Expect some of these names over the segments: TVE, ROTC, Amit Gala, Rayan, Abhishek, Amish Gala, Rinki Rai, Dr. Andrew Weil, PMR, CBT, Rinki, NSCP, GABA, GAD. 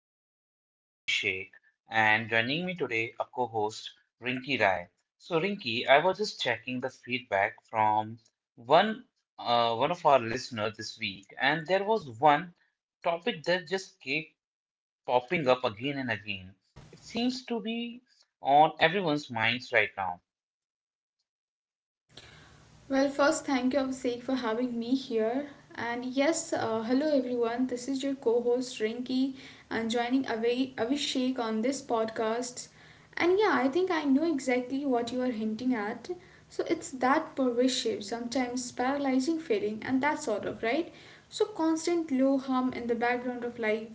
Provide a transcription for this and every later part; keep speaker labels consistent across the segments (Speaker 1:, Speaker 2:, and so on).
Speaker 1: I am your host, Abhishek, and joining me today, a co host, Rinki Rai. So, Rinki, I was just checking the feedback from one, one of our listeners this week, and there was one topic that just kept popping up again and again. It seems to be on everyone's minds right now.
Speaker 2: Well, first, thank you, Abhishek, for having me here. And yes, hello everyone. This is your co-host Rinki, and joining Abhishek on this podcast. And yeah, I think I know exactly what you are hinting at. So it's that pervasive, sometimes paralyzing feeling, and that sort of right. So constant low hum in the background of life.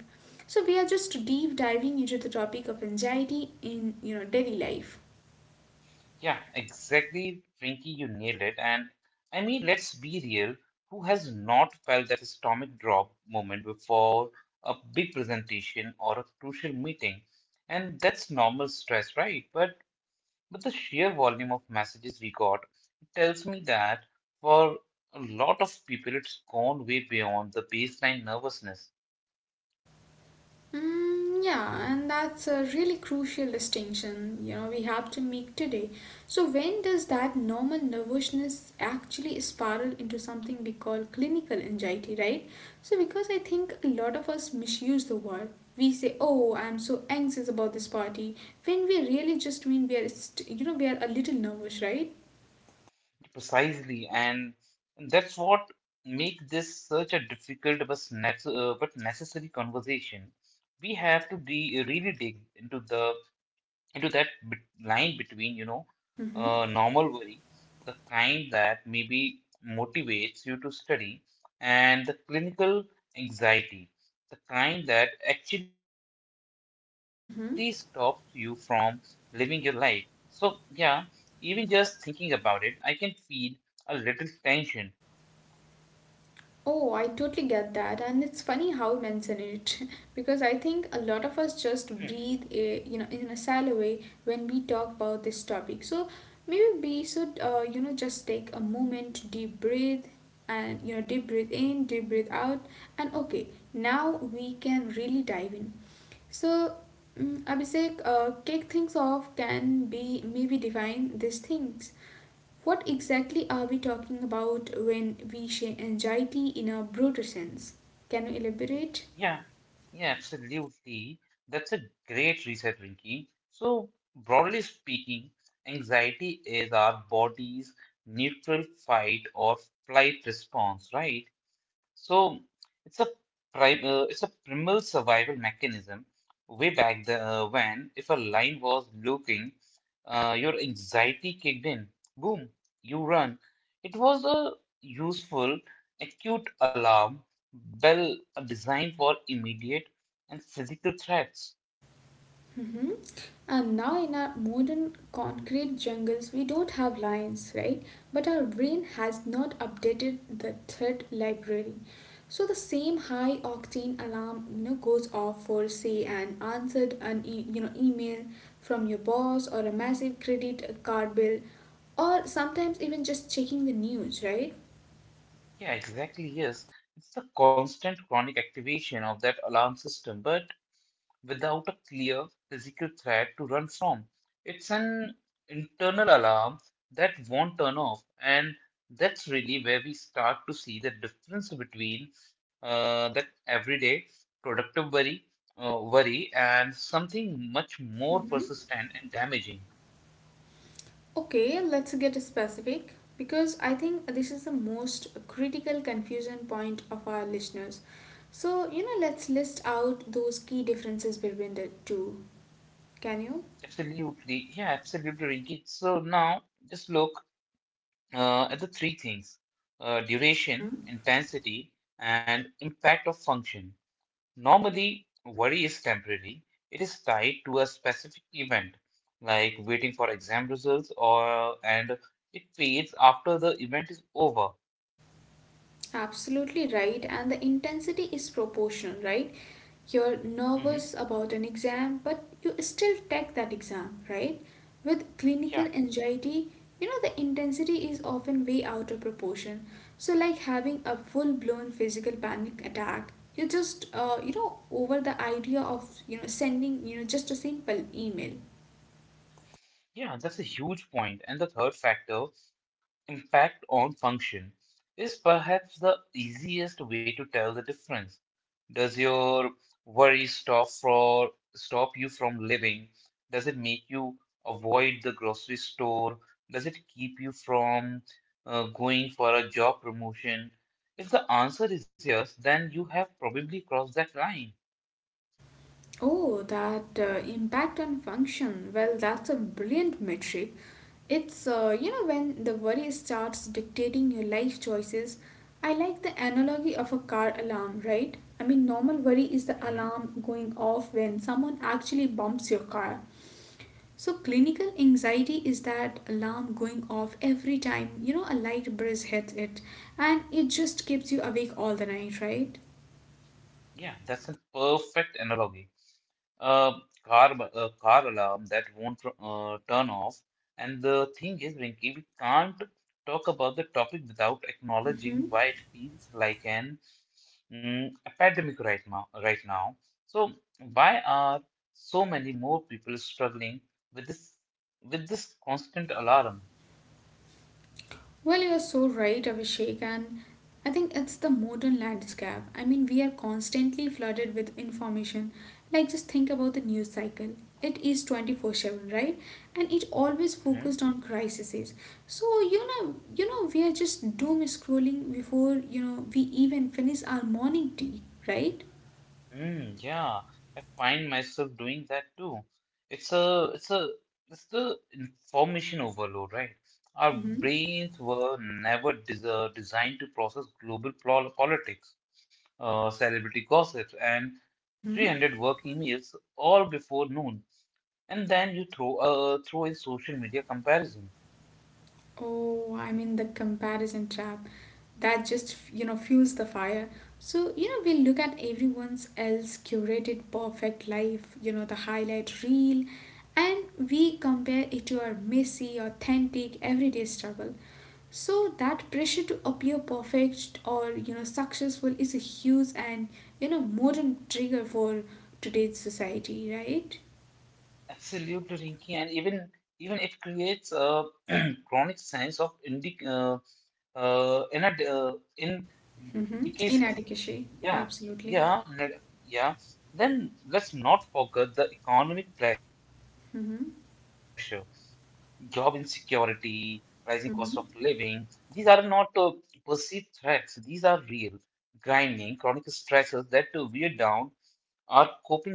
Speaker 2: So we are just deep diving into the topic of anxiety in daily life.
Speaker 1: Yeah, exactly, Rinky, you nailed it. And I mean, let's be real, who has not felt that stomach drop moment before a big presentation or a crucial meeting? And that's normal stress, right? But the sheer volume of messages we got tells me that for a lot of people, it's gone way beyond the baseline nervousness.
Speaker 2: Yeah, and that's a really crucial distinction, we have to make today. So when does that normal nervousness actually spiral into something we call clinical anxiety, right? So because I think a lot of us misuse the word. We say, "Oh, I'm so anxious about this party," when we really just mean we are, we are a little nervous, right?
Speaker 1: Precisely, and that's what make this such a difficult but but necessary conversation. We have to be really dig into the into that bit line between, you know,
Speaker 2: Mm-hmm.
Speaker 1: normal worry, the kind that maybe motivates you to study, and the clinical anxiety, the kind that actually stops you from
Speaker 2: Mm-hmm.
Speaker 1: living your life. So, yeah, even just thinking about it, I can feel a little tension.
Speaker 2: Oh, I totally get that. And it's funny how you mention it because I think a lot of us just breathe, in a shallow way when we talk about this topic. So maybe we should, just take a moment to deep breathe and, deep breathe in, deep breathe out. And okay, now we can really dive in. So, Abhishek, kick things off can be maybe define these things what exactly are we talking about when we say anxiety in a broader sense? Can you elaborate?
Speaker 1: Yeah, yeah, absolutely. That's a great reset, Rinki. So, broadly speaking, anxiety is our body's neutral fight or flight response, right? So it's a primal survival mechanism. Way back when, if a lion was looking, your anxiety kicked in. Boom, you run. It was a useful acute alarm bell designed for immediate and physical threats.
Speaker 2: Hmm. And now, in our modern concrete jungles, we don't have lines, right? But our brain has not updated the threat library. So the same high octane alarm, goes off for say an answered an e- you know email from your boss or a massive credit card bill, or sometimes even just checking the news,
Speaker 1: Yeah, exactly. Yes, it's the constant chronic activation of that alarm system. But without a clear physical threat to run from. It's an internal alarm that won't turn off, and that's really where we start to see the difference between that everyday productive worry and something much more
Speaker 2: right?
Speaker 1: persistent and damaging.
Speaker 2: Okay, let's get specific because I think this is the most critical confusion point of our listeners. So, let's list out those key differences between the two. Can
Speaker 1: Absolutely, yeah, absolutely, Rinki. So now just look at the three things: duration,
Speaker 2: you?
Speaker 1: intensity, and impact of function. Normally, worry is temporary. It is tied to a specific event, like waiting for exam results, or and it fades after the event is over.
Speaker 2: Absolutely right, and the intensity is proportional, right? You're
Speaker 1: Mhm.
Speaker 2: nervous about an exam, but you still take that exam, right? With clinical
Speaker 1: Yeah,
Speaker 2: anxiety, the intensity is often way out of proportion. So, like having a full blown physical panic attack, you just, over the idea of, sending, just a simple email.
Speaker 1: yeah, that's a huge point. And the third factor, impact on function, is perhaps the easiest way to tell the difference. Does your worry stop for stop you from living? Does it make you avoid the grocery store? Does it keep you from going for a job promotion? If the answer is yes, then you have probably crossed that line.
Speaker 2: Oh, that impact on function. Well, that's a brilliant metric. When the worry starts dictating your life choices. I like the analogy of a car alarm, right? I mean, normal worry is the
Speaker 1: Mhm.
Speaker 2: alarm going off when someone actually bumps your car. So, clinical anxiety is that alarm going off every time, a light breeze hits it, and it just keeps you awake all the night, right?
Speaker 1: Yeah, that's a perfect analogy. A a car alarm that won't turn off. And the thing is, Rinki, we can't talk about the topic without
Speaker 2: Mm-hmm.
Speaker 1: acknowledging why it feels like an epidemic right now. Right now, so why are so many more people struggling with this with this constant alarm?
Speaker 2: Well, you're so right, Abhishek, and I think it's the modern landscape. I mean, we are constantly flooded with information. Like, just think about the news cycle. It is 24/7, right? And it always
Speaker 1: Hmm?
Speaker 2: focused on crises. So, we are just doom scrolling before, we even finish our morning tea, right?
Speaker 1: Mm, yeah, I find myself doing that too. It's a, it's a, it's the information overload, right? Our
Speaker 2: Mm-hmm.
Speaker 1: brains were never designed to process global politics, celebrity gossip, and
Speaker 2: Mm-hmm.
Speaker 1: 300 work emails all before noon. And then you throw, throw in social media comparison.
Speaker 2: Oh, I mean the comparison trap that just fuels the fire. So we look at everyone's else curated perfect life, the highlight reel, and we compare it to our messy, authentic, everyday struggle. So that pressure to appear perfect or successful is a huge and modern trigger for today's society, right?
Speaker 1: Absolutely, Rinki, and even it creates a chronic sense of indi uh, in
Speaker 2: Mm-hmm.
Speaker 1: DKC.
Speaker 2: In
Speaker 1: Yeah,
Speaker 2: absolutely.
Speaker 1: yeah, yeah. Then let's not forget the economic pressure, job insecurity, rising cost of living. These
Speaker 2: Mm-hmm.
Speaker 1: are not perceived threats, these are real. Grinding, chronic stresses that wear down our coping reserves.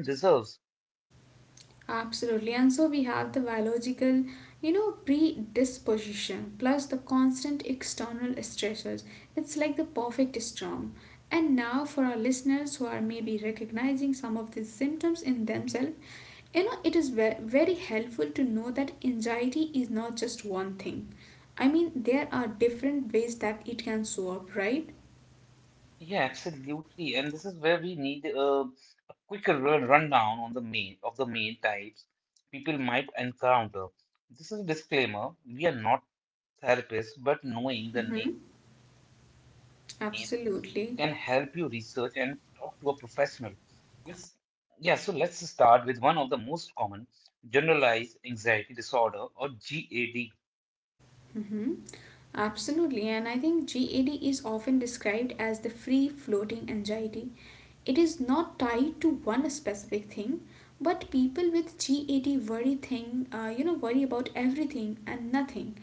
Speaker 2: Absolutely. And so we have the biological, predisposition plus the constant external stressors. It's like the perfect storm. And now, for our listeners who are maybe recognizing some of these symptoms in themselves, it is very helpful to know that anxiety is not just one thing. I mean, there are different ways that it can show up, right?
Speaker 1: Yeah, absolutely. And this is where we need a quicker run rundown on the main types people might encounter. This is a disclaimer. We are not therapist, but knowing the
Speaker 2: Mm-hmm.
Speaker 1: names can help you research and
Speaker 2: Absolutely.
Speaker 1: talk to a professional. Yes. Yeah, so let's start with one of the most common generalized anxiety disorder or GAD.
Speaker 2: Hmm. Absolutely, and I think GAD is often described as the free floating anxiety. It is not tied to one specific thing, but people with GAD worry thing, you know, worry about everything and nothing,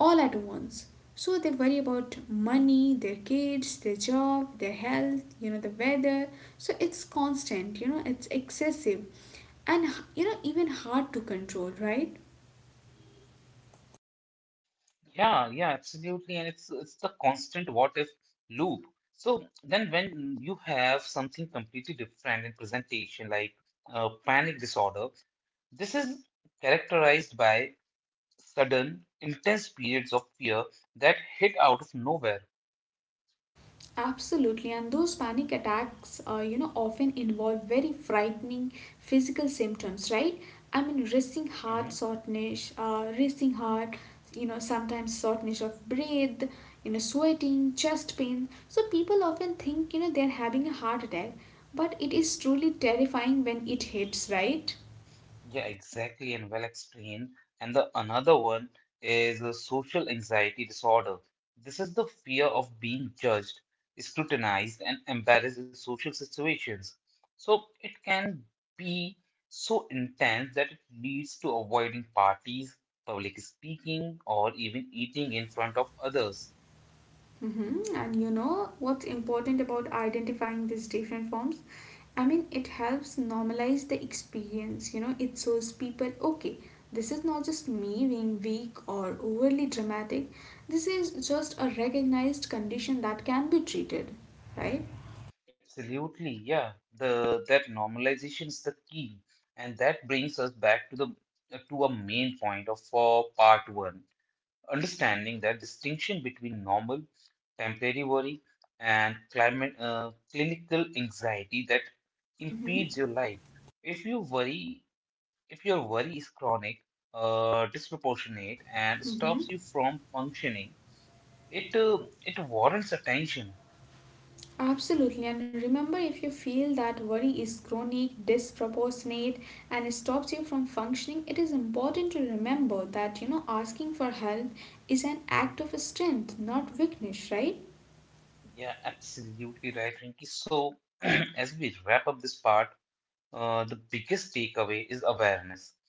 Speaker 2: all at once. So they worry about money, their kids, their job, their health, the weather. So it's constant, it's excessive, and even hard to control, right?
Speaker 1: Yeah, yeah, absolutely. And it's the constant what if loop. So then when you have something completely different in presentation like panic disorder, this is characterized by sudden, intense periods of fear that hit out of nowhere.
Speaker 2: Absolutely, and those panic attacks, often involve very frightening physical symptoms, right? I mean,
Speaker 1: Mhm.
Speaker 2: racing heart, sometimes shortness of breath, sweating, chest pain. So people often think, they're having a heart attack, but it is truly terrifying when it hits, right?
Speaker 1: Yeah, exactly, and well explained. And the another one is a social anxiety disorder. This is the fear of being judged, scrutinized, and embarrassed in social situations. So it can be so intense that it leads to avoiding parties, public speaking, or even eating in front of others.
Speaker 2: Mm-hmm. And you know what's important about identifying these different forms? I mean, it helps normalize the experience. You know, it shows people, okay, this is not just me being weak or overly dramatic. This is just a recognized condition that can be treated, right?
Speaker 1: Absolutely, yeah. The that normalization is the key, and that brings us back to the to a main point of for part one, understanding that distinction between normal, temporary worry, and climate clinical anxiety that
Speaker 2: Mm-hmm.
Speaker 1: impedes your life. If you worry, if your worry is chronic, disproportionate, and stops you from functioning, it uh, it warrants attention.
Speaker 2: Absolutely, and remember if you feel that worry is chronic, disproportionate, and stops you from functioning, it is important to remember that asking for help is an act of strength, not weakness, right?
Speaker 1: Yeah, absolutely right, Rinki. So, as we wrap up this part, the biggest takeaway is awareness.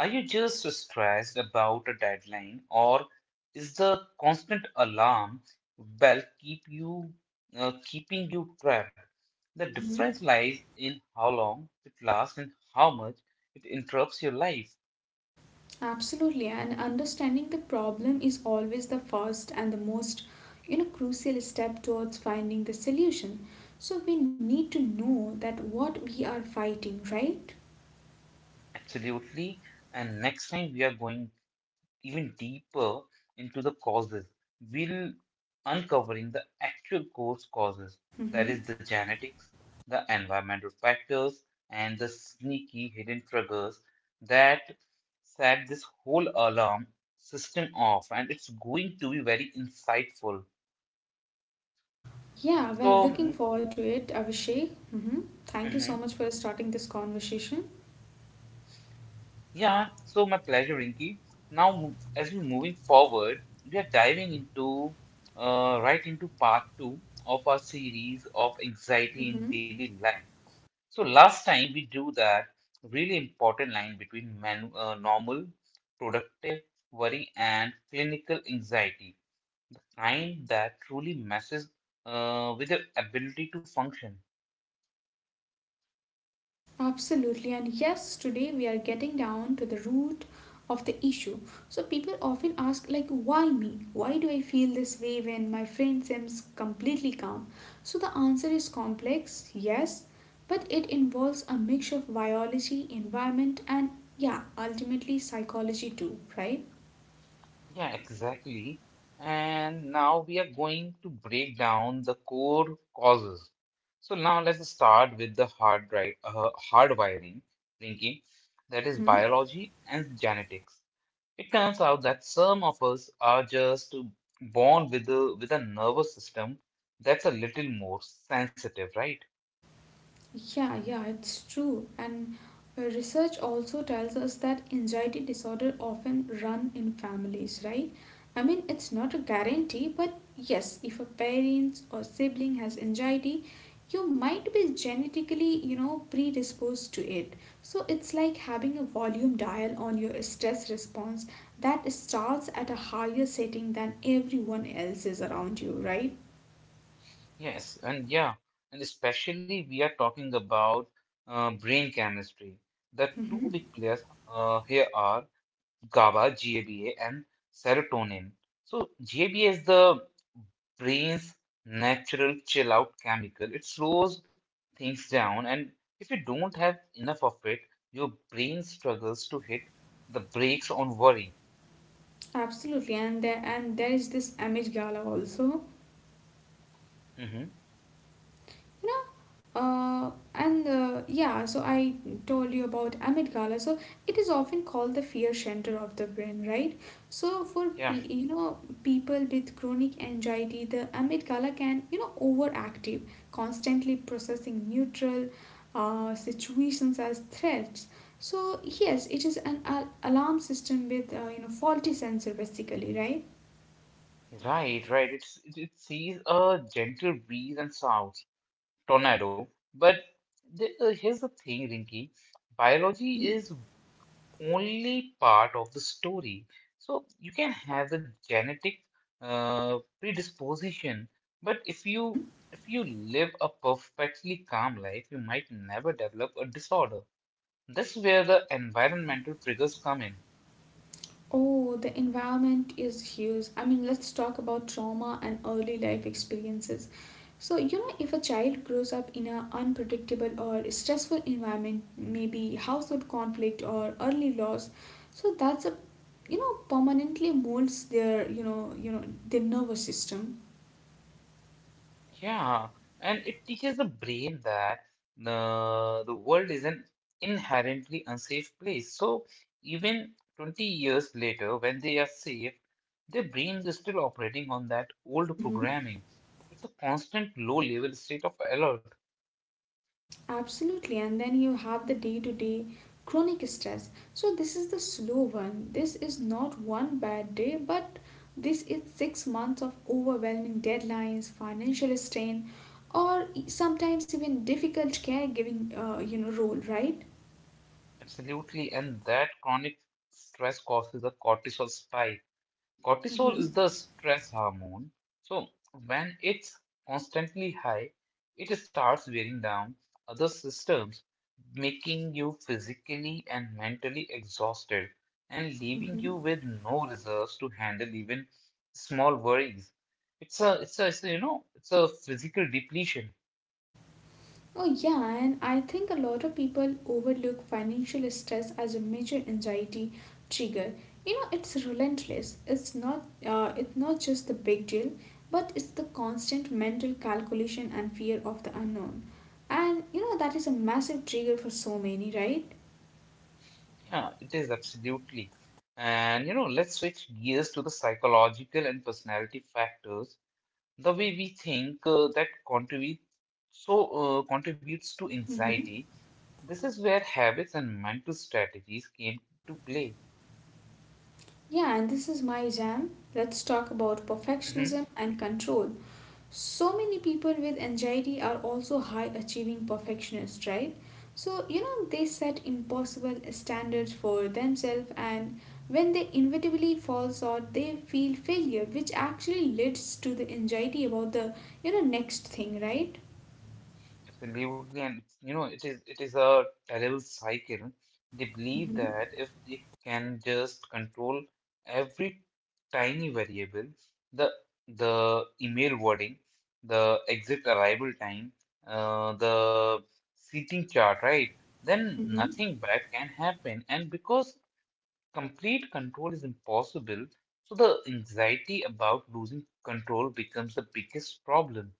Speaker 1: Are you just stressed about a deadline, or is the constant alarm bell keeping you trapped? The
Speaker 2: Hmm.
Speaker 1: difference lies in how long it lasts and how much it interrupts your life.
Speaker 2: Absolutely, and understanding the problem is always the first and the most crucial step towards finding the solution. So we need to know that what we are fighting, right?
Speaker 1: Absolutely. And next time we are going even deeper into the causes, we'll uncovering the actual causes, that is the genetics, the environmental factors, and the sneaky hidden triggers that set this whole alarm system off, and it's going to be very insightful.
Speaker 2: Yeah, well,
Speaker 1: So,
Speaker 2: looking forward to it, Avishay. Abhishek. Hmm. Thank you so
Speaker 1: mhm.
Speaker 2: much for starting this conversation.
Speaker 1: Yeah, so my pleasure, Rinky. Now, as we're moving forward, we are diving into right into part two of our series of anxiety
Speaker 2: Hmm.
Speaker 1: in daily life. So last time we drew that really important line between normal, productive worry and clinical anxiety, kind that truly messes with your ability to function.
Speaker 2: Absolutely. And yes, today we are getting down to the root of the issue. So people often ask, like, why me? Why do I feel this way when my friend seems completely calm? So the answer is complex, yes, but it involves a mix of biology, environment, and yeah, ultimately psychology too, right?
Speaker 1: Yeah, exactly. And now we are going to break down the core causes. So now let's start with the hardwiring, Rinki, that is
Speaker 2: Mm-hmm.
Speaker 1: biology and genetics. It turns out that some of us are just born with a nervous system that's a little more sensitive, right?
Speaker 2: Yeah, yeah, it's true. And research also tells us that anxiety disorder often run in families, right? I mean, it's not a guarantee, but yes, if a parent or sibling has anxiety, you might be genetically, predisposed to it. So it's like having a volume dial on your stress response that starts at a higher setting than everyone else is around you, right?
Speaker 1: Yes, and yeah, and especially we are talking about brain chemistry. The two
Speaker 2: Mm-hmm.
Speaker 1: big players here are GABA and serotonin. So, GABA is the brain's natural chill out chemical. It slows things down, and if you don't have enough of it, your brain struggles to hit the brakes on worry.
Speaker 2: Absolutely, and there is this Amish Gala also,
Speaker 1: Hmm.
Speaker 2: you know, and yeah. So I told you about Amit Gala. So it is often called the fear center of the brain, right? So for
Speaker 1: Yeah,
Speaker 2: people with chronic anxiety, the Amit Gala can overactive, constantly processing neutral situations as threats. So yes, it is an alarm system with faulty sensor basically, right?
Speaker 1: right, right. It sees a gentle breeze and sounds tornado. But here's the thing, Rinky. Biology
Speaker 2: Mm-hmm.
Speaker 1: is only part of the story. So you can have the genetic uh, predisposition, but
Speaker 2: Mm-hmm.
Speaker 1: if you live a perfectly calm life, you might never develop a disorder. That's where the environmental triggers come in.
Speaker 2: Oh, the environment is huge. I mean, let's talk about trauma and early life experiences. So, if a child grows up in an unpredictable or stressful environment, maybe household conflict or early loss, so that's a permanently molds their their nervous system.
Speaker 1: Yeah, and it teaches the brain that the world is an inherently unsafe place. So even 20 years later, when they are safe, their brains are still operating on that old
Speaker 2: Mm-hmm.
Speaker 1: programming. It's a constant low level state of alert,
Speaker 2: Absolutely, and then you have the day to day chronic stress. So, this is the slow one. This is not one bad day, but this is 6 months of overwhelming deadlines, financial strain, or sometimes even difficult caregiving, role, right?
Speaker 1: absolutely, and that chronic stress causes a cortisol spike. Cortisol
Speaker 2: Mm-hmm.
Speaker 1: is the stress hormone. So when it's constantly high, it starts wearing down other systems, making you physically and mentally exhausted and leaving
Speaker 2: Mm-hmm.
Speaker 1: you with no reserves to handle even small worries. It's a, it's a, it's a, you know, it's a physical depletion.
Speaker 2: Oh, yeah, and I think a lot of people overlook financial stress as a major anxiety trigger. You know, it's relentless. It's not just the big deal, but it's the constant mental calculation and fear of the unknown. And that is a massive trigger for so many, right?
Speaker 1: Yeah, it is absolutely. And you know, let's switch gears to the psychological and personality factors the way we think that so contributes to
Speaker 2: Mm-hmm.
Speaker 1: anxiety this is where habits and mental strategies came to play.
Speaker 2: Yeah, and this is my jam. Let's talk about perfectionism and control so many people with anxiety are also high achieving perfectionists, right? So they set impossible standards for themselves, and when they inevitably fall short they feel failure, which actually leads to the anxiety about the next thing, right?
Speaker 1: Absolutely, and you know, it is a terrible cycle. They believe
Speaker 2: Mm-hmm.
Speaker 1: that if they can just control every tiny variable, the the email wording, the exit arrival time, the seating chart, right? Then
Speaker 2: Mm-hmm.
Speaker 1: nothing bad can happen. And because complete control is impossible, so the anxiety about losing control becomes the biggest problem.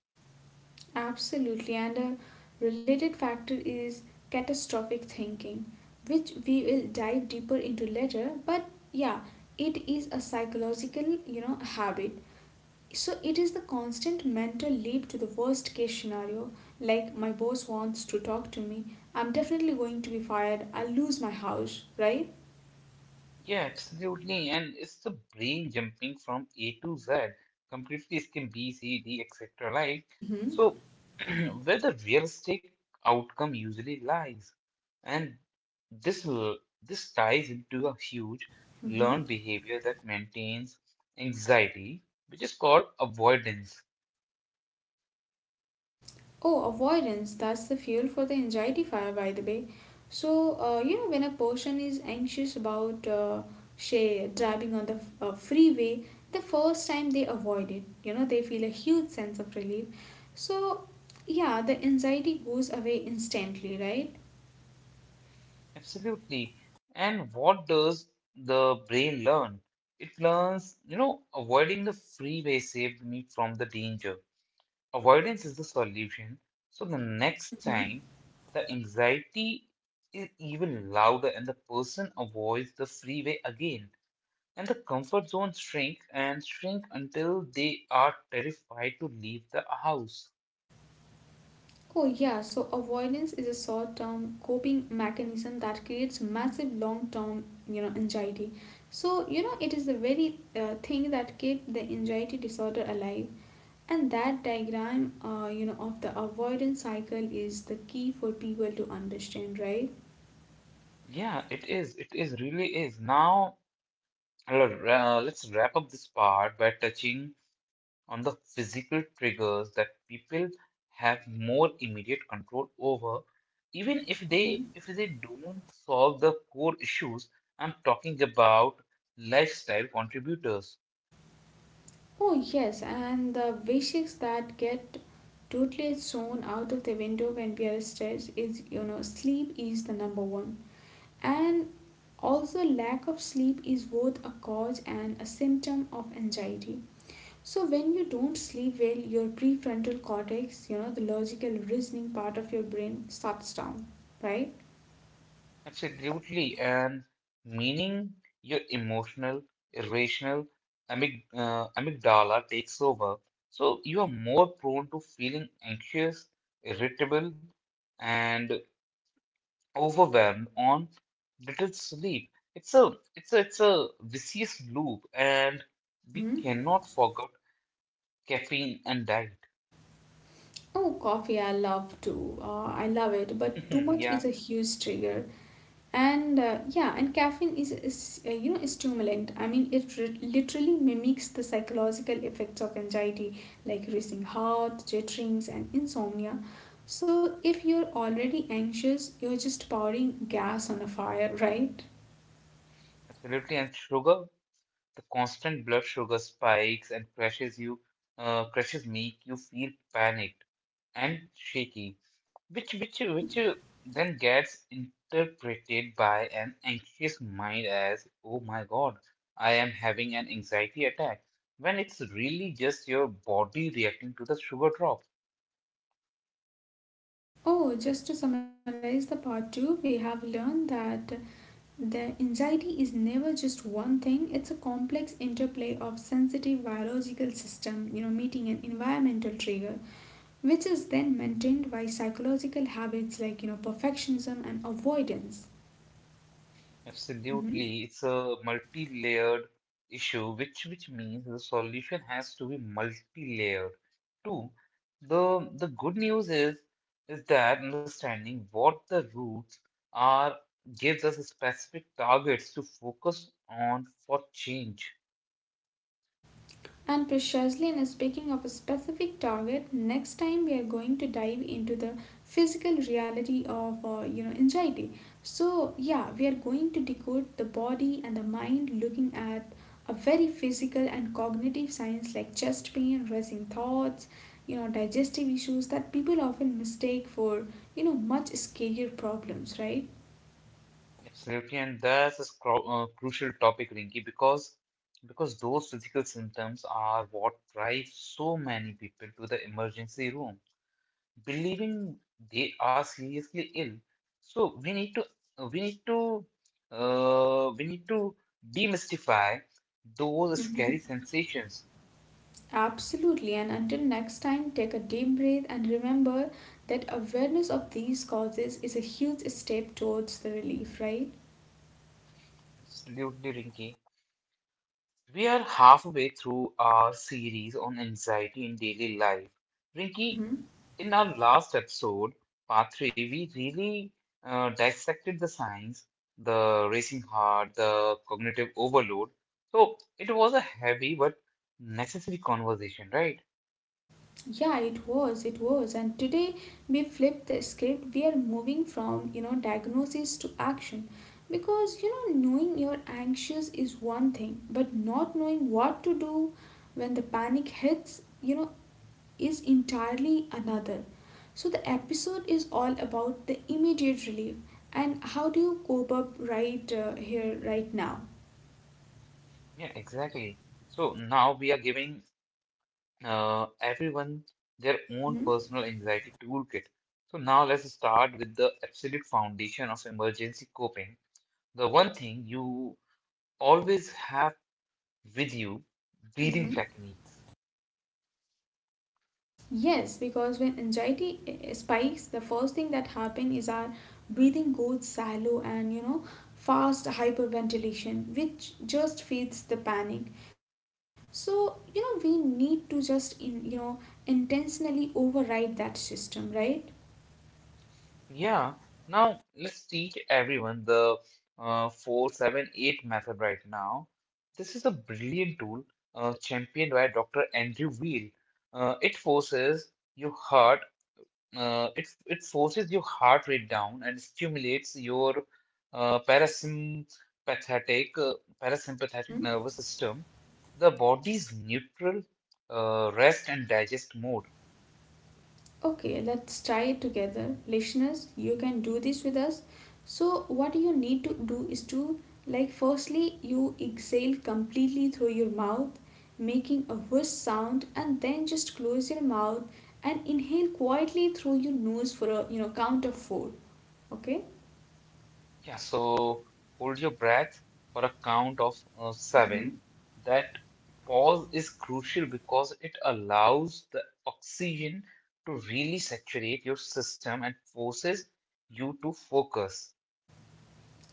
Speaker 2: Absolutely. And a related factor is catastrophic thinking, which we will dive deeper into later. But yeah, it is a psychological, habit. So it is the constant mental leap to the worst case scenario. Like my boss wants to talk to me, I'm definitely going to be fired. I'll lose my house, right?
Speaker 1: Yeah, absolutely. And it's the brain jumping from A to Z, completely skim B, C, D, etc. Like,
Speaker 2: Hmm.
Speaker 1: so where the realistic outcome usually lies. And this l- this ties into a huge
Speaker 2: Mm-hmm.
Speaker 1: learned behavior that maintains anxiety, which is called avoidance.
Speaker 2: Oh, avoidance. That's the fuel for the anxiety fire, by the way. So, when a person is anxious about, say, driving on the freeway, the first time they avoid it, they feel a huge sense of relief. So, yeah, the anxiety goes away instantly,
Speaker 1: Absolutely. And what does the brain learn? It learns, you know, avoiding the freeway saved me from the danger. Avoidance is the solution. So the next
Speaker 2: right?
Speaker 1: time the anxiety is even louder and the person avoids the freeway again and the comfort zone shrink and shrink until they are terrified to leave the house.
Speaker 2: Oh, yeah, so avoidance is a short-term coping mechanism that creates massive long-term, anxiety. So, it is the very thing that kept the anxiety disorder alive. And that diagram, of the avoidance cycle is the key for people to understand, right?
Speaker 1: Yeah, it is. It is really is. Now Uh, let's wrap up this part by touching on the physical triggers that people have more immediate control over, even if they
Speaker 2: Mhm.
Speaker 1: if they don't solve the core issues. I'm talking about lifestyle contributors.
Speaker 2: Oh, yes, and the basics that get totally thrown out of the window when we are stressed is, sleep is the number one. And also, lack of sleep is both a cause and a symptom of anxiety. So, when you don't sleep well, your prefrontal cortex, you know, the logical reasoning part of your brain, shuts down, right?
Speaker 1: Absolutely, and meaning your emotional, irrational amygdala takes over. So you are more prone to feeling anxious, irritable, and overwhelmed on little sleep. It's a vicious loop, and we
Speaker 2: Mm-hmm.
Speaker 1: cannot forget caffeine and diet.
Speaker 2: Oh, coffee, I love too. I love it, but too much is
Speaker 1: Yeah,
Speaker 2: a huge trigger. And yeah, and caffeine is you know, stimulant. I mean, it literally mimics the psychological effects of anxiety like racing heart, jitterings, and insomnia. So if you're already anxious, you're just pouring gas on a fire, right?
Speaker 1: absolutely, and sugar. The constant blood sugar spikes and crashes you, crashes make you feel panicked and shaky, which which which
Speaker 2: Mhm.
Speaker 1: uh, then gets interpreted by an anxious mind as, "Oh my God, I am having an anxiety attack," when it's really just your body reacting to the sugar drop.
Speaker 2: Oh, just to summarize the part two, we have learned that the anxiety is never just one thing. It's a complex interplay of sensitive biological system, you know, meeting an environmental trigger, which is then maintained by psychological habits like, you know, perfectionism and avoidance.
Speaker 1: Absolutely, it's
Speaker 2: Mhm.
Speaker 1: a multi-layered issue, which means the solution has to be multi-layered. Two, the good news is that understanding what the roots are gives us specific targets to focus on for change.
Speaker 2: And precisely, in speaking of a specific target, next time we are going to dive into the physical reality of you know, anxiety. So yeah, we are going to decode the body and the mind, looking at a very physical and cognitive science like chest pain, racing thoughts, you know, digestive issues that people often mistake for, you know, much scarier problems, right?
Speaker 1: Absolutely, and that's a crucial topic, Rinki, because those physical symptoms are what drive so many people to the emergency room, believing they are seriously ill. So we need to we need to demystify those scary
Speaker 2: Mhm.
Speaker 1: sensations.
Speaker 2: Absolutely, and until next time, take a deep breath and remember that awareness of these causes is a huge step towards the relief, right?
Speaker 1: Absolutely, Rinky. We are halfway through our series on anxiety in daily life. Rinky,
Speaker 2: Mm-hmm.
Speaker 1: in our last episode, part three, we really dissected the signs, the racing heart, the cognitive overload. So it was a heavy but necessary conversation, right?
Speaker 2: Yeah, it was. And today we flipped the script. We are moving from, you know, diagnosis to action. Because, you know, knowing you're anxious is one thing, but not knowing what to do when the panic hits, you know, is entirely another. So the episode is all about the immediate relief and how do you cope up right here, right now.
Speaker 1: Yeah, exactly. So now we are giving everyone their own
Speaker 2: Hmm.
Speaker 1: personal anxiety toolkit. So now let's start with the absolute foundation of emergency coping. The one thing you always have with you, breathing
Speaker 2: Hmm.
Speaker 1: techniques.
Speaker 2: Yes, because when anxiety spikes, the first thing that happens is our breathing goes shallow and, you know, fast hyperventilation, which just feeds the panic. So, you know, we need to just in you know intentionally override that system, right?
Speaker 1: Yeah, now let's teach everyone the 478 method right now. This is a brilliant tool championed by Dr. Andrew Weil. Uh, it forces your heart, it forces your heart rate down and stimulates your uh, parasympathetic, uh, parasympathetic nervous system, the body's neutral rest and digest mode.
Speaker 2: Okay, let's try it together. Listeners, you can do this with us. So, what you need to do is to, like, firstly, you exhale completely through your mouth, making a whoosh sound, and then just close your mouth and inhale quietly through your nose for a, you know, count of four. Okay.
Speaker 1: Yeah, so hold your breath for a count of
Speaker 2: Mm-hmm.
Speaker 1: seven. That pause is crucial because it allows the oxygen to really saturate your system and forces you to focus.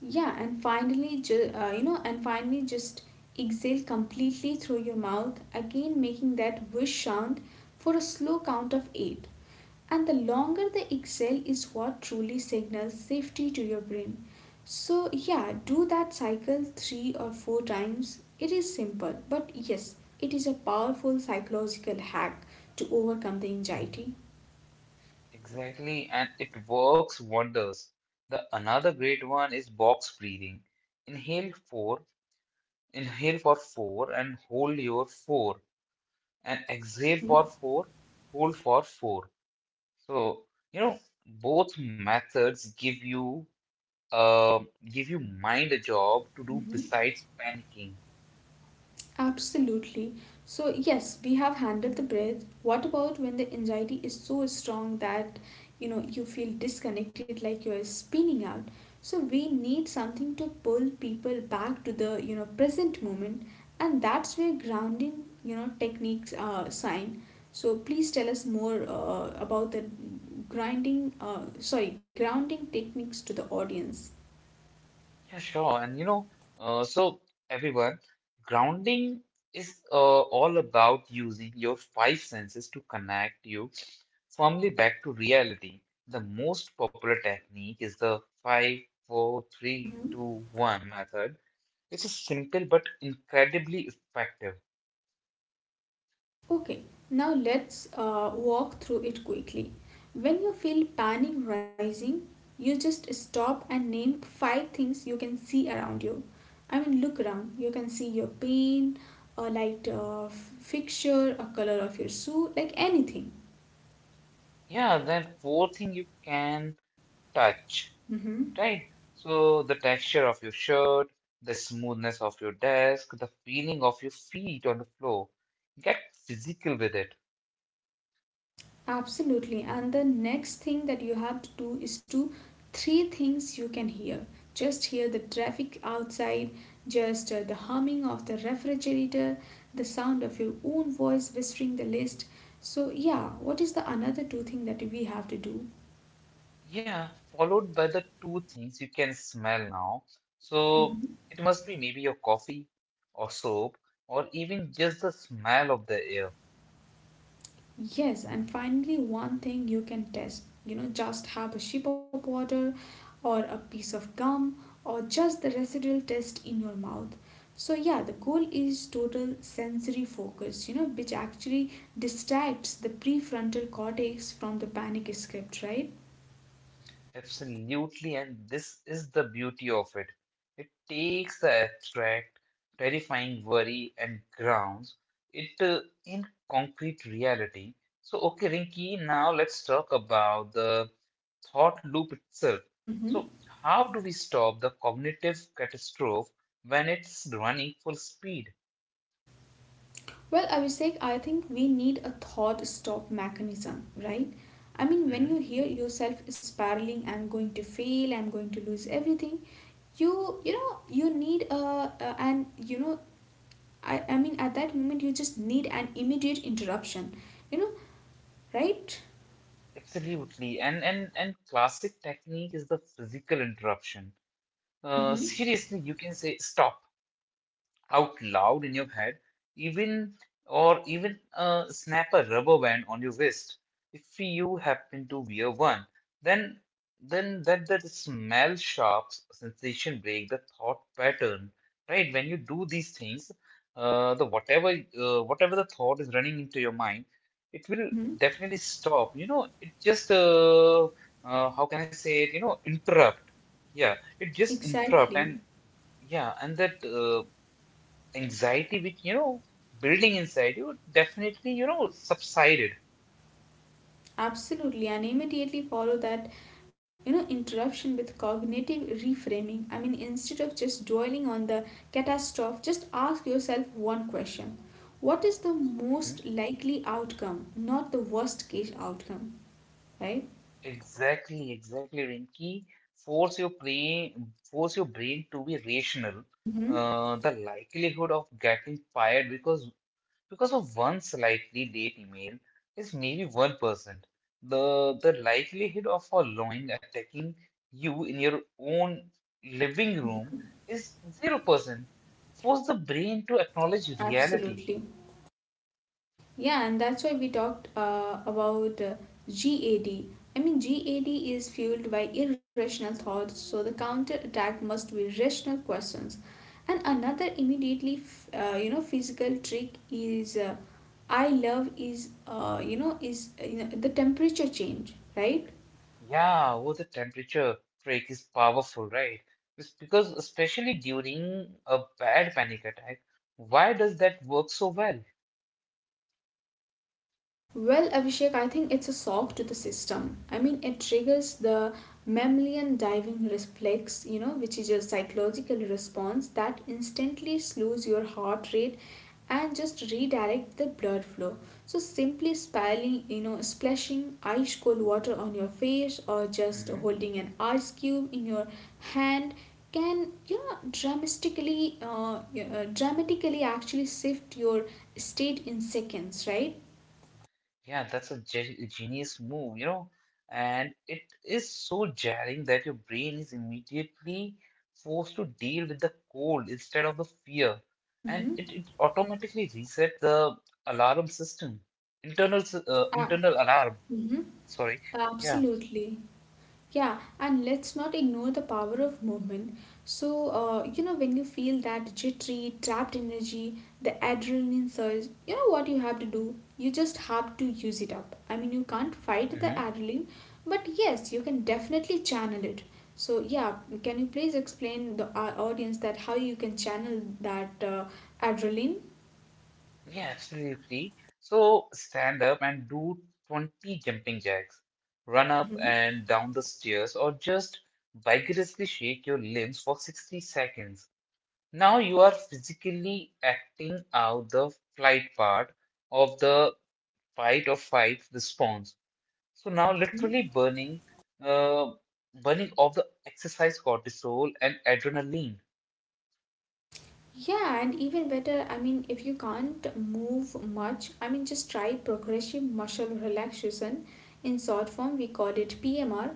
Speaker 2: Yeah, and finally, you know, and finally, just exhale completely through your mouth, again making that whoosh sound for a slow count of eight. And the longer the exhale is what truly signals safety to your brain. So, yeah, do that cycle three or four times. It is simple, but yes, it is a powerful psychological hack to overcome the anxiety.
Speaker 1: Exactly, and it works wonders. The another great one is box breathing. Inhale four, inhale for four and hold your four, and exhale for
Speaker 2: Mhm.
Speaker 1: four, hold for four. So, you know, both methods give you mind a job to do besides panicking.
Speaker 2: Absolutely. So, yes, we have handled the breath. What about when the anxiety is so strong that, you know, you feel disconnected like you're spinning out? So, we need something to pull people back to the, you know, present moment, and that's where grounding, you know, techniques sign. So, please tell us more about the grinding, sorry, grounding techniques to the audience.
Speaker 1: Yeah, sure. And you know, uh, so everyone, grounding is all about using your five senses to connect you firmly back to reality. The most popular technique is the five, four, three, two, one method. It's is simple but incredibly effective.
Speaker 2: Okay, now let's walk through it quickly. When you feel panic rising, you just stop and name five things you can see around you. I mean, look around. You can see your pain, a light fixture, a color of your shoe, like anything.
Speaker 1: Yeah, that fourth thing you can touch,
Speaker 2: Mm-hmm.
Speaker 1: right? So the texture of your shirt, the smoothness of your desk, the feeling of your feet on the floor. Get physical with it.
Speaker 2: Absolutely. And the next thing that you have to do is to three things you can hear. Just hear the traffic outside, just the humming of the refrigerator, the sound of your own voice whispering the list. So yeah, what is the another two thing that we have to do?
Speaker 1: Yeah, followed by the two things you can smell now. So
Speaker 2: Mhm.
Speaker 1: it must be maybe your coffee or soap or even just the smell of the air.
Speaker 2: Yes, and finally, one thing you can test, you know, just have a sip of water or a piece of gum or just the residual taste in your mouth. So, yeah, the goal is total sensory focus, you know, which actually distracts the prefrontal cortex from the panic script, right?
Speaker 1: Absolutely, and this is the beauty of it. It takes the abstract, terrifying worry and grounds it in concrete reality. So, okay, Rinki, now let's talk about the thought loop itself.
Speaker 2: Mm-hmm.
Speaker 1: So, how do we stop the cognitive catastrophe when it's running full speed?
Speaker 2: Well, Abhishek, I think we need a thought stop mechanism, right? I mean, when you
Speaker 1: Mhm.
Speaker 2: hear yourself spiraling, I'm going to fail, I'm going to lose everything, you you know you need a and you know I mean at that moment you just need an immediate interruption, you know, right?
Speaker 1: Absolutely, and classic technique is the physical interruption.
Speaker 2: Mm-hmm.
Speaker 1: Seriously, you can say stop out loud in your head, even or even snap a rubber band on your wrist. If you happen to wear one, then then that smell sharp sensation break the thought pattern, right? When you do these things, the whatever whatever the thought is running into your mind, it will
Speaker 2: Mm-hmm.
Speaker 1: definitely stop. You know, it just how can I say it? You know, interrupt. Yeah, it just interrupt
Speaker 2: Exactly.
Speaker 1: and yeah, and that anxiety which you know building inside you definitely you know subsided.
Speaker 2: Absolutely, and immediately follow that, you know, interruption with cognitive reframing. I mean, instead of just dwelling on the catastrophe, just ask yourself one question. What is the most
Speaker 1: Mhm.
Speaker 2: likely outcome, not the worst case outcome, right?
Speaker 1: Exactly, exactly, Rinki, force your brain to be rational.
Speaker 2: Mm-hmm.
Speaker 1: The likelihood of getting fired because of one slightly late email is maybe 1%. The the likelihood of a lion attacking you in your own living room is 0%. Force the brain to acknowledge reality.
Speaker 2: Absolutely. Yeah, and that's why we talked about GAD. I mean, GAD is fueled by irrational thoughts, so the counter attack must be rational questions. And another immediately, you know, physical trick is I love is, you know, is you know, the temperature change, right?
Speaker 1: Yeah, well, the temperature trick is powerful, right? It's because especially during a bad panic attack, why does that work so well?
Speaker 2: Well, Abhishek, I think it's a shock to the system. I mean, it triggers the mammalian diving reflex, you know, which is a psychological response that instantly slows your heart rate and just redirect the blood flow. So simply spilling, you know, splashing ice cold water on your face or just
Speaker 1: Hmm.
Speaker 2: holding an ice cube in your hand can, you know, dramatically dramatically actually shift your state in seconds, right?
Speaker 1: Yeah, that's a genius move, you know, and it is so jarring that your brain is immediately forced to deal with the cold instead of the fear, and
Speaker 2: Mm-hmm.
Speaker 1: it automatically resets the alarm system,
Speaker 2: Uh,
Speaker 1: internal alarm.
Speaker 2: mhm.
Speaker 1: Sorry, yeah.
Speaker 2: Absolutely. Yeah, and let's not ignore the power of movement. So, you know, when you feel that jittery, trapped energy, the adrenaline surge, you know what you have to do? You just have to use it up. I mean, you can't fight the
Speaker 1: Mm-hmm.
Speaker 2: adrenaline, but yes, you can definitely channel it. So, yeah, can you please explain the our audience that how you can channel that adrenaline?
Speaker 1: Yeah, absolutely. So stand up and do 20 jumping jacks. Run up
Speaker 2: Mm-hmm.
Speaker 1: and down the stairs or just vigorously shake your limbs for 60 seconds. Now you are physically acting out the flight part of the fight or fight response. So now
Speaker 2: Mm-hmm.
Speaker 1: literally uh, burning off the exercise cortisol and adrenaline.
Speaker 2: Yeah, and even better, I mean, if you can't move much, I mean, just try progressive muscle relaxation. In short form, we call it PMR.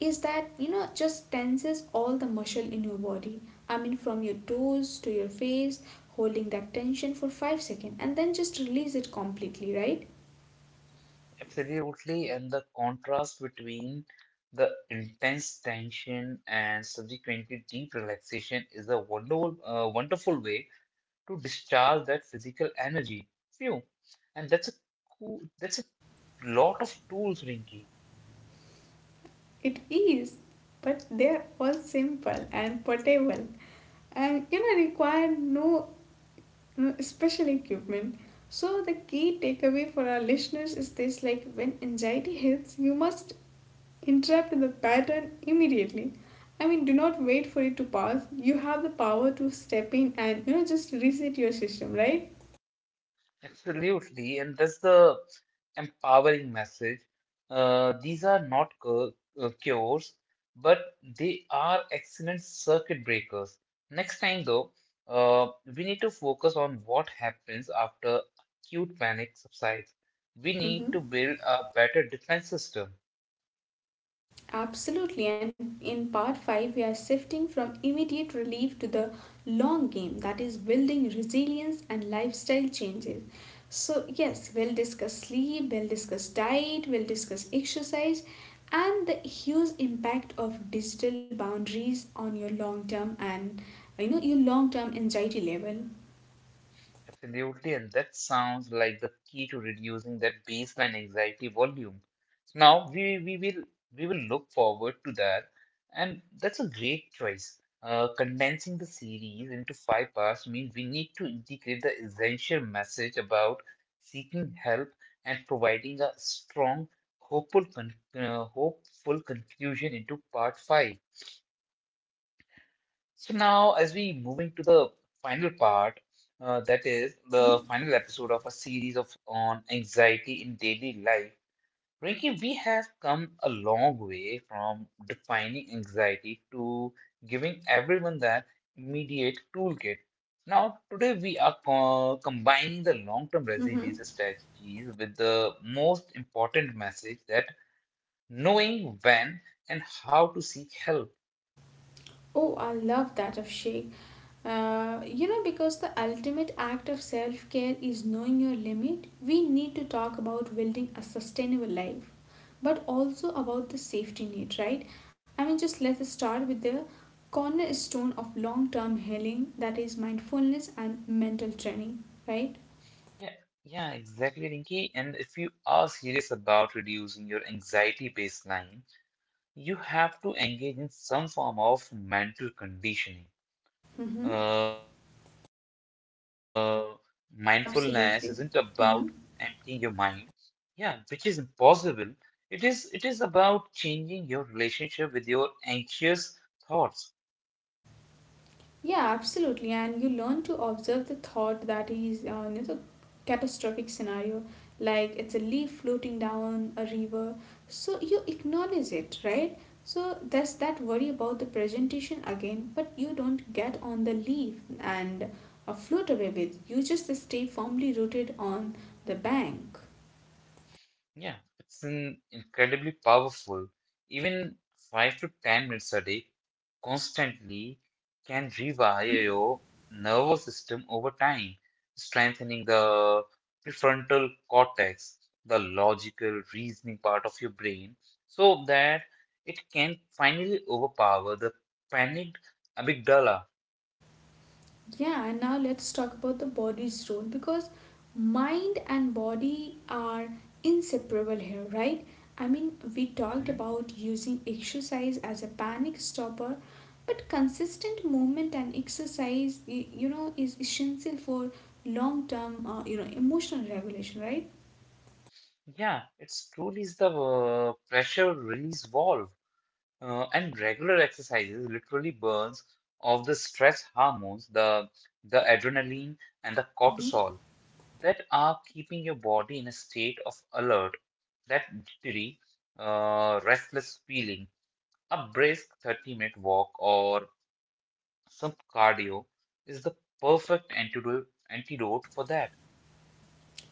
Speaker 2: Is that, you know, just tenses all the muscle in your body. I mean, from your toes to your face, holding that tension for 5 seconds and then just release it completely, right?
Speaker 1: Absolutely, and the contrast between the intense tension and subsequently deep relaxation is a wonderful way to discharge that physical energy. Phew. And that's a lot of tools, Rinky.
Speaker 2: It is, but they're all simple and portable and, you know, require no Mm, especially equipment. So the key takeaway for our listeners is this like when anxiety hits, you must interrupt the pattern immediately. I mean, do not wait for it to pass. You have the power to step in and, you know, just reset your system, right?
Speaker 1: Absolutely, and that's the empowering message. These are not cures, but they are excellent circuit breakers. Next time, though, uh, we need to focus on what happens after acute panic subsides. We need to
Speaker 2: Mm-hmm.
Speaker 1: build a better defense system.
Speaker 2: Absolutely, and in part 5, we are shifting from immediate relief to the long game that is building resilience and lifestyle changes. So, yes, we'll discuss sleep, we'll discuss diet, we'll discuss exercise, and the huge impact of digital boundaries on your long term and, you know, your long term anxiety level.
Speaker 1: Absolutely, and that sounds like the key to reducing that baseline anxiety volume. So now we will look forward to that, and that's a great choice. Condensing the series into five parts means we need to integrate the essential message about seeking help and providing a strong, hopeful, hopeful conclusion into part five. So now, as we moving to the final part, that is the final episode of a series of on anxiety in daily life. Rinki, we have come a long way from defining anxiety to giving everyone that immediate toolkit. Now, today we are combining the long-term
Speaker 2: Mm-hmm.
Speaker 1: resilience strategies with the most important message, that knowing when and how to seek help.
Speaker 2: Oh, I love that of Shay. You know, because the ultimate act of self care is knowing your limit, we need to talk about building a sustainable life, but also about the safety net, right? I mean, just let's start with the cornerstone of long term healing that is mindfulness and mental training, right?
Speaker 1: Yeah, yeah, exactly, Rinki. And if you are serious about reducing your anxiety baseline, you have to engage in some form of mental conditioning.
Speaker 2: Mm-hmm.
Speaker 1: Uh, mindfulness isn't about emptying
Speaker 2: Absolutely.
Speaker 1: your mind, yeah, which is impossible. It is about changing your relationship with your anxious thoughts.
Speaker 2: Yeah, absolutely. And you learn to observe the thought that is, you know, catastrophic scenario, like it's a leaf floating down a river. So you acknowledge it, right? So there's that worry about the presentation again, but you don't get on the leaf and float away with. You just stay firmly rooted on the bank.
Speaker 1: Yeah, it's an incredibly powerful. Even 5 to 10 minutes a day constantly can
Speaker 2: Mhm.
Speaker 1: rewire your nervous system over time, strengthening the prefrontal cortex, the logical reasoning part of your brain, so that it can finally overpower the panicked amygdala.
Speaker 2: Yeah, and now let's talk about the body's role because mind and body are inseparable here, right? I mean, we talked
Speaker 1: Mhm.
Speaker 2: about using exercise as a panic stopper, but consistent movement and exercise, you know, is essential for long term, you know, emotional regulation, right?
Speaker 1: Yeah, it's truly is the pressure release valve. And regular exercises literally burns off the stress hormones, the adrenaline and the
Speaker 2: Mhm.
Speaker 1: cortisol that are keeping your body in a state of alert, that jittery, restless feeling. A brisk 30-minute walk or some cardio is the perfect antidote for that.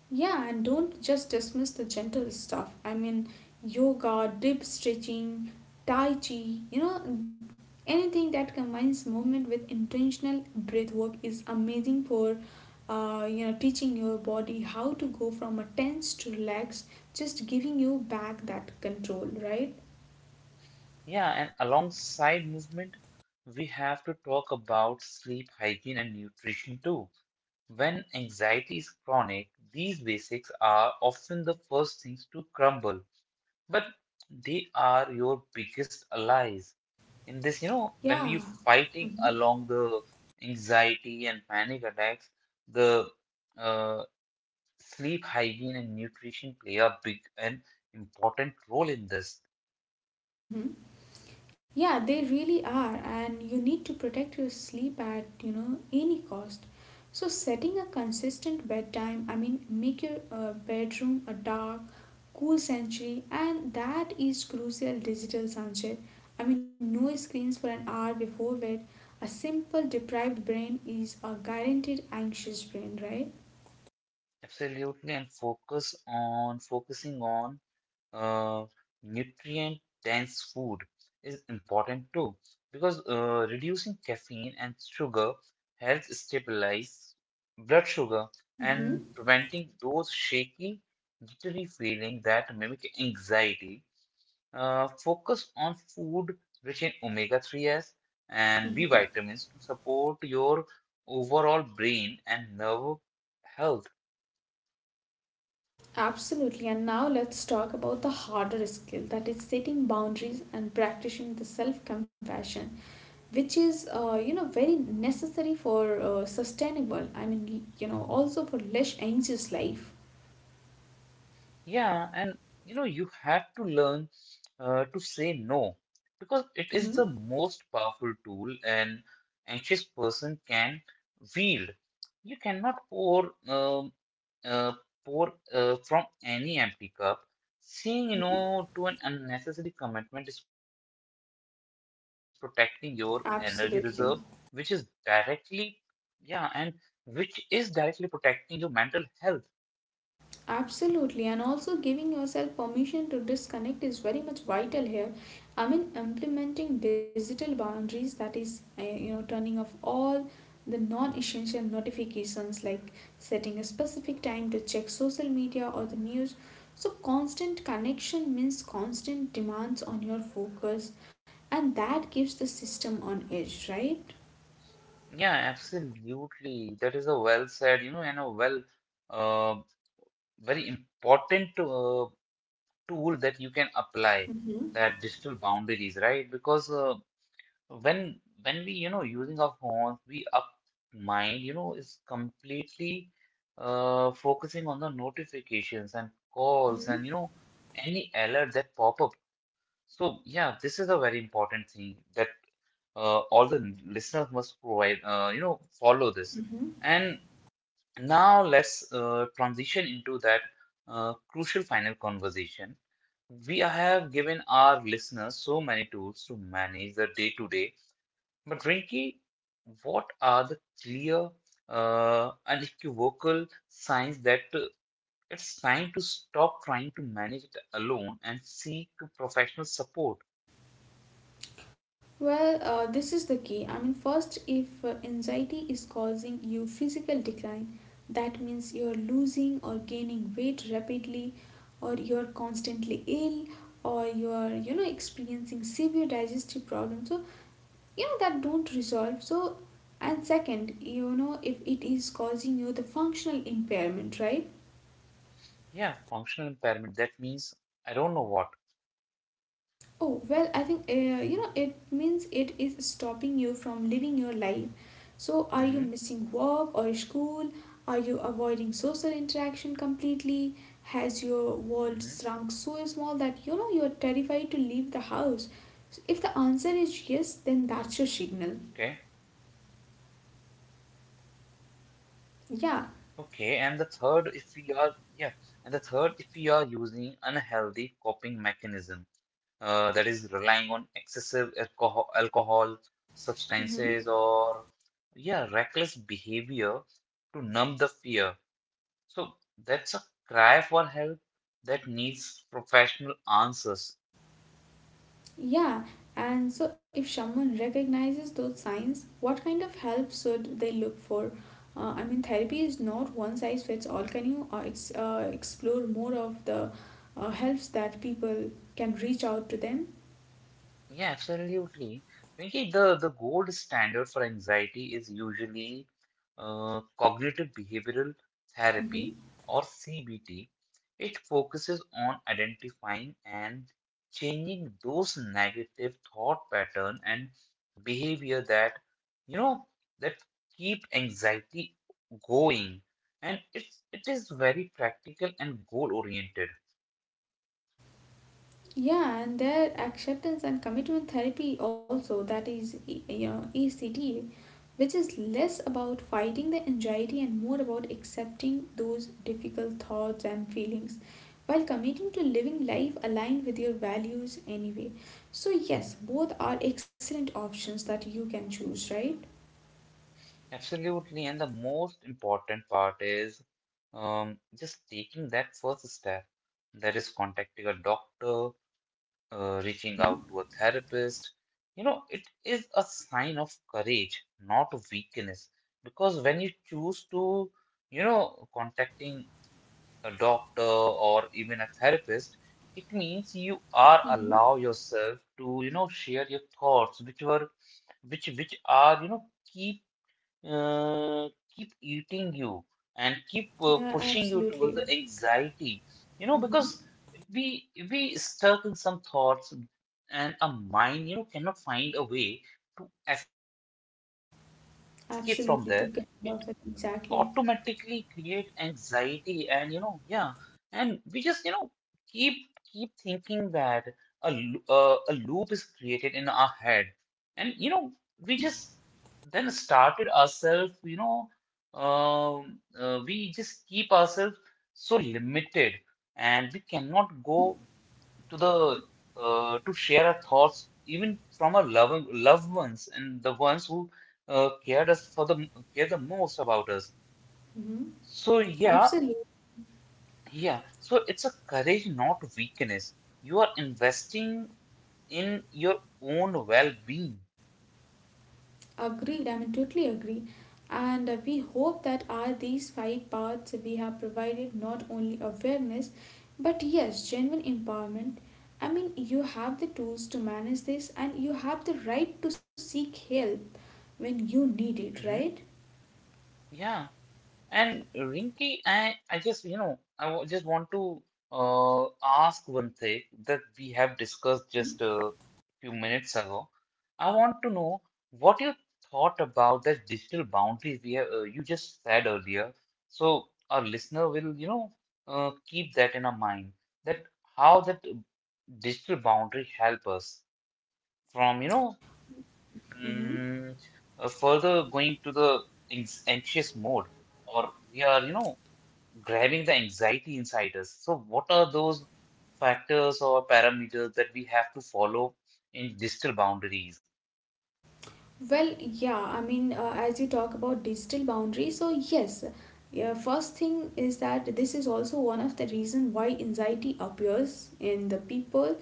Speaker 2: Yeah, and don't just dismiss the gentle stuff. I mean, yoga, deep stretching, tai chi, you know, anything that combines movement with intentional breath work is amazing for you know, teaching your body how to go from a tense to relaxed, just giving you back that control, right?
Speaker 1: Yeah, and alongside movement, we have to talk about sleep hygiene and nutrition too. When anxiety is chronic, these basics are often the first things to crumble, but they are your biggest allies. In this, you know, when we
Speaker 2: Yeah.
Speaker 1: fighting
Speaker 2: Mm-hmm.
Speaker 1: along the anxiety and panic attacks, the uh, sleep hygiene and nutrition play a big and important role in this.
Speaker 2: Mm-hmm. Yeah, they really are, and you need to protect your sleep at, you know, any cost. So setting a consistent bedtime, I mean, make your bedroom a dark, cool sanctuary, and that is crucial digital sunshade. I mean, no screens for an hour before bed. A simple deprived brain is a guaranteed anxious brain, right?
Speaker 1: Absolutely, and focusing on uh, nutrient dense food is important too because reducing caffeine and sugar helps stabilize blood sugar
Speaker 2: Mm-hmm.
Speaker 1: and preventing those shaky, jittery feeling that mimic anxiety. Focus on food rich in omega three s and B
Speaker 2: Mm-hmm.
Speaker 1: vitamins to support your overall brain and nerve health.
Speaker 2: Absolutely. And now let's talk about the harder skill that is setting boundaries and practicing the self compassion, which is, you know, very necessary for sustainable, I mean, you know, also for less anxious life.
Speaker 1: Yeah, and you know, you have to learn to say no because it is the
Speaker 2: Mm-hmm.
Speaker 1: most powerful tool an anxious person can wield. You cannot pour uh, pour from any empty cup. Saying
Speaker 2: Mm-hmm.
Speaker 1: no to an unnecessary commitment is protecting your energy reserve, which is
Speaker 2: Absolutely.
Speaker 1: directly, yeah, and which is directly protecting your mental health.
Speaker 2: Absolutely, and also giving yourself permission to disconnect is very much vital here. I mean, implementing digital boundaries that is, you know, turning off all the non essential notifications like setting a specific time to check social media or the news. So, constant connection means constant demands on your focus, and that keeps the system on edge, right?
Speaker 1: Yeah, absolutely. That is a well said, you know, and a uh, very important tool that you can apply,
Speaker 2: Mm-hmm.
Speaker 1: that digital boundaries, right? Because when we, you know, using our phones, we up mind, you know, is completely focusing on the notifications and calls and you
Speaker 2: Mm-hmm.
Speaker 1: know any alert that pop up. So, yeah, this is a very important thing that all the listeners must provide, you know, follow this.
Speaker 2: Mm-hmm.
Speaker 1: And now let's transition into that crucial final conversation. We have given our listeners so many tools to manage the day to day, but Rinki, what are the clear, unequivocal signs that it's time to stop trying to manage it alone and seek professional support?
Speaker 2: Well, this is the key. I mean, first, if anxiety is causing you physical decline, that means you're losing or gaining weight rapidly, or you're constantly ill, or you're experiencing severe digestive problems. So, you know, that don't resolve. So, and second, you know, if it is causing you the functional impairment, right?
Speaker 1: Yeah, functional impairment. That means I don't know what.
Speaker 2: Oh, well, I think, it means it is stopping you from living your life. So, are you
Speaker 1: Mm-hmm.
Speaker 2: missing work or school? Are you avoiding social interaction completely? Has your world
Speaker 1: Mm-hmm.
Speaker 2: shrunk so small that you know you're terrified to leave the house? So if the answer
Speaker 1: Okay.
Speaker 2: is yes, then that's your signal.
Speaker 1: Okay.
Speaker 2: Yeah.
Speaker 1: And the third, if we are, yeah, and the third, if we are using unhealthy coping mechanism, that is relying on excessive alcohol,
Speaker 2: Hmm.
Speaker 1: substances, or yeah, reckless behavior to numb the fear. So that's a cry for help that needs professional answers.
Speaker 2: Yeah, and so if someone recognizes those signs, what kind of help should they look for? I mean, therapy is not one size fits all. Can you explore more of the helps that people can reach out to them?
Speaker 1: Yeah, absolutely. Vinky, the gold standard for anxiety is usually uh, cognitive behavioral
Speaker 2: Mm-hmm.
Speaker 1: therapy or CBT. It focuses on identifying and changing those negative thought pattern and behavior that, you know, that keep anxiety going. And it is very practical and goal oriented.
Speaker 2: Yeah, and their acceptance and commitment therapy also, that is E, you know, ECT, which is less about fighting the anxiety and more about accepting those difficult thoughts and feelings while committing to living life aligned with your values anyway. So yes, both are excellent options that you can choose, right?
Speaker 1: Absolutely. And the most important part is just taking that first step. That is contacting a doctor, reaching out
Speaker 2: Mm-hmm.
Speaker 1: to a therapist. You know, it is a sign of courage, not weakness. Because when you choose to, you know, contacting a doctor or even a therapist, it means you are allow
Speaker 2: Mm-hmm.
Speaker 1: yourself to, share your thoughts, which are keep uh, keep eating you and keep
Speaker 2: Yeah,
Speaker 1: pushing you towards
Speaker 2: absolutely.
Speaker 1: the anxiety, you know.
Speaker 2: Mm-hmm.
Speaker 1: Because if we stuck in some thoughts and a mind, you know, cannot find a way to escape from there, it
Speaker 2: Absolutely, to get
Speaker 1: automatically
Speaker 2: perfect,
Speaker 1: create
Speaker 2: exactly.
Speaker 1: anxiety, and you know, yeah. And we just, you know, keep keep thinking that a lo- a loop is created in our head, and you know, we just
Speaker 2: Mm-hmm.
Speaker 1: then started ourselves, we just keep ourselves so limited, and we cannot go to the to share our thoughts even from our loved ones and the ones who uh, cared us for the care the most about us.
Speaker 2: Mm-hmm.
Speaker 1: So yeah.
Speaker 2: Mm-hmm.
Speaker 1: Yeah, so it's a courage, not weakness. You are investing in your own well being.
Speaker 2: Agreed, I mean, totally agree. And we hope that are these 5 paths we have provided not only awareness but yes, genuine empowerment. I mean, you have the tools to manage this and you have the right to seek help when you need it,
Speaker 1: Hmm.
Speaker 2: right?
Speaker 1: Yeah. And Rinky, I just want to ask one thing that we have discussed just
Speaker 2: Mm-hmm.
Speaker 1: a few minutes ago. I want to know what you thought about the digital boundaries we have, you just said earlier. So our listener will, keep that in our mind, that how that digital boundary help us from, mm, further going to the anxious mode, or we are, you know, grabbing the anxiety inside us. So, what are those factors or parameters that we have to follow in digital boundaries?
Speaker 2: Well, yeah, I mean, as you talk about digital boundaries, so yes, yeah, first thing is that this is also one of the reason why anxiety appears in the people,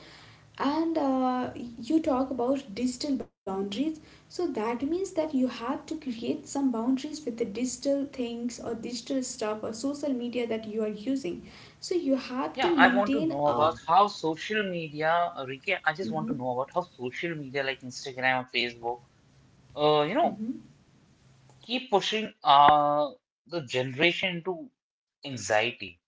Speaker 2: and you talk about digital boundaries, so that means that you have to create some boundaries with the digital things or digital stuff or social media that you are using. So you have
Speaker 1: Yeah,
Speaker 2: to
Speaker 1: I want to know
Speaker 2: maintain a
Speaker 1: about Ricky, I just want to
Speaker 2: Mhm,
Speaker 1: know about how social media like Instagram or Facebook, uh, you know,
Speaker 2: mhm.
Speaker 1: keep pushing the generation into anxiety.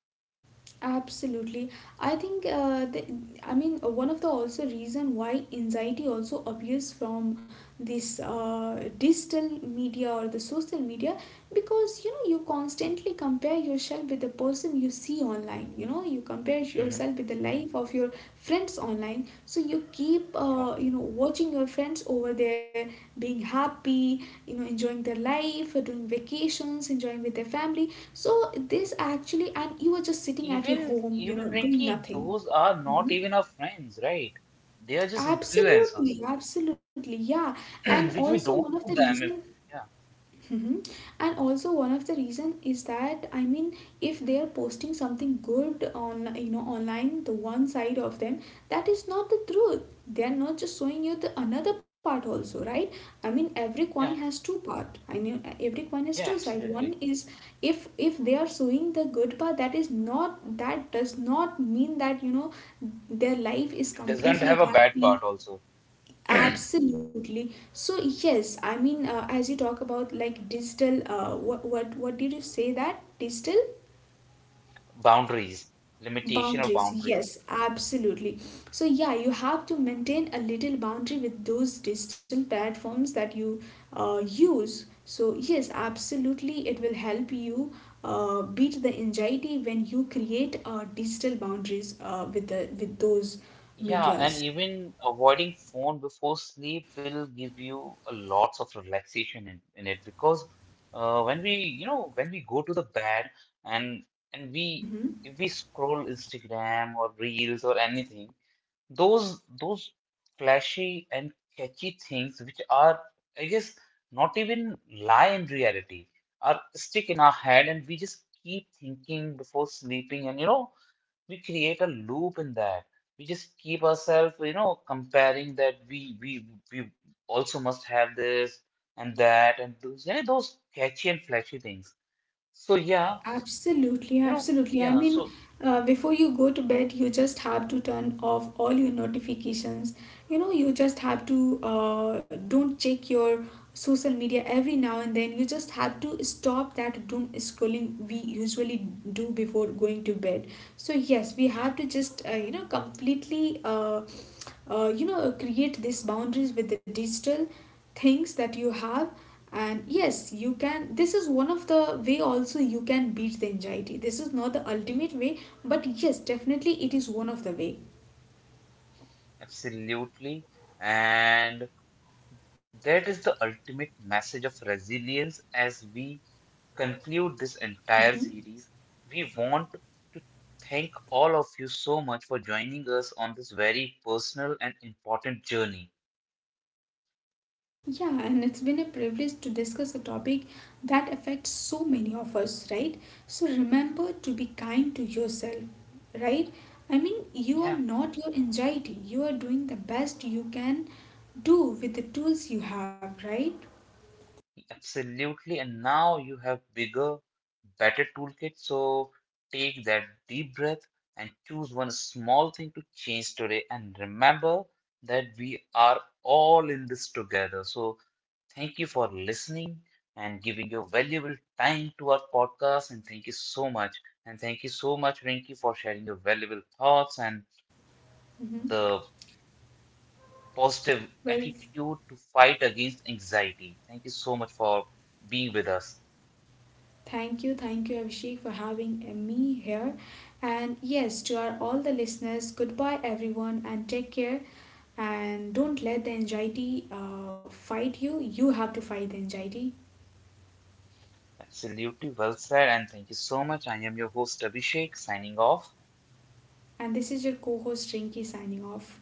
Speaker 2: Absolutely. I think the, I mean one of the also reason why anxiety also appears from this digital media or the social media, because you know you constantly compare yourself with the person you see online. You know you compare
Speaker 1: Hmm.
Speaker 2: yourself with the life of your friends online, so you keep
Speaker 1: Yeah.
Speaker 2: you know watching your friends over there being happy, you know, enjoying their life, doing vacations, enjoying with their family. So this actually, and you are just sitting at your
Speaker 1: Even,
Speaker 2: home, you know,
Speaker 1: even
Speaker 2: doing
Speaker 1: Rinky,
Speaker 2: nothing.
Speaker 1: those are not
Speaker 2: Hmm.
Speaker 1: even our friends, right? They are just influencers,
Speaker 2: Absolutely, absolutely, yeah. And
Speaker 1: which
Speaker 2: also
Speaker 1: we
Speaker 2: one
Speaker 1: don't
Speaker 2: of the
Speaker 1: know
Speaker 2: reason.
Speaker 1: them. Yeah.
Speaker 2: Hmm. And also one of the reason is that, I mean, if they are posting something good on, you know, online, the one side of them, that is not the truth. They are not just showing you the another part also, right? I mean, every coin
Speaker 1: Yeah.
Speaker 2: has two part, I mean, every coin has
Speaker 1: Yeah,
Speaker 2: two side. One
Speaker 1: absolutely.
Speaker 2: is, if they are showing the good part, that is not, that does not mean that you know their life is
Speaker 1: It doesn't have
Speaker 2: completely
Speaker 1: a bad part
Speaker 2: happy.
Speaker 1: also.
Speaker 2: Absolutely. So yes, I mean, as you talk about like digital, what did you say that digital
Speaker 1: Boundaries, limitation or
Speaker 2: boundaries?
Speaker 1: boundaries.
Speaker 2: Yes, absolutely. So yeah, you have to maintain a little boundary with those digital platforms that you use. So yes, absolutely, it will help you beat the anxiety when you create digital boundaries with the with those
Speaker 1: Yeah, and
Speaker 2: medias.
Speaker 1: even avoiding phone before sleep will give you a lots of relaxation in it. Because when we, you know, when we go to the bed and and we
Speaker 2: Mm-hmm.
Speaker 1: if we scroll Instagram or Reels or anything, those flashy and catchy things which are, I guess, not even lie in reality, are stick in our head, and we just keep thinking before sleeping. And you know, we create a loop in that, we just keep ourselves, you know, comparing that we also must have this and that, and those, you know, those catchy and flashy things. So yeah,
Speaker 2: Absolutely,
Speaker 1: you know,
Speaker 2: absolutely. I
Speaker 1: yeah,
Speaker 2: mean,
Speaker 1: so
Speaker 2: before you go to bed, you just have to turn off all your notifications. You know, you just have to don't check your social media every now and then. You just have to stop that doom scrolling we usually do before going to bed. So yes, we have
Speaker 1: yeah,
Speaker 2: to just you know completely. You know, create these boundaries with the digital things that you have. And yes, you can, this is one of the way also you can beat the anxiety. This is not the ultimate way, but yes, definitely it is one of the way.
Speaker 1: absolutely. And that is the ultimate message of resilience as we conclude this entire
Speaker 2: Mhm.
Speaker 1: series. We want to thank all of you so much for joining us on this very personal and important journey.
Speaker 2: Yeah, and it's been a privilege to discuss a topic that affects so many of us, right? So remember to be kind to yourself, right? I mean, you are
Speaker 1: Yeah.
Speaker 2: not your anxiety. You are doing the best you can do with the tools you have, right?
Speaker 1: Absolutely. And now you have bigger, better toolkit. So take that deep breath and choose one small thing to change today. And remember that we are all in this together. So thank you for listening and giving your valuable time to our podcast. And thank you so much. And thank you so much, Rinki, for sharing your valuable thoughts and
Speaker 2: Hmm.
Speaker 1: the positive
Speaker 2: Well,
Speaker 1: attitude to fight against anxiety. Thank you so much for being with us.
Speaker 2: thank you, thank you, Abhishek, for having me here. And yes, to our all the listeners, goodbye, everyone, and take care. And don't let the anxiety fight you. You have to fight the anxiety.
Speaker 1: Absolutely well said, and thank you so much. I am your host Abhishek, signing off.
Speaker 2: And this is your co host, Rinky, signing off.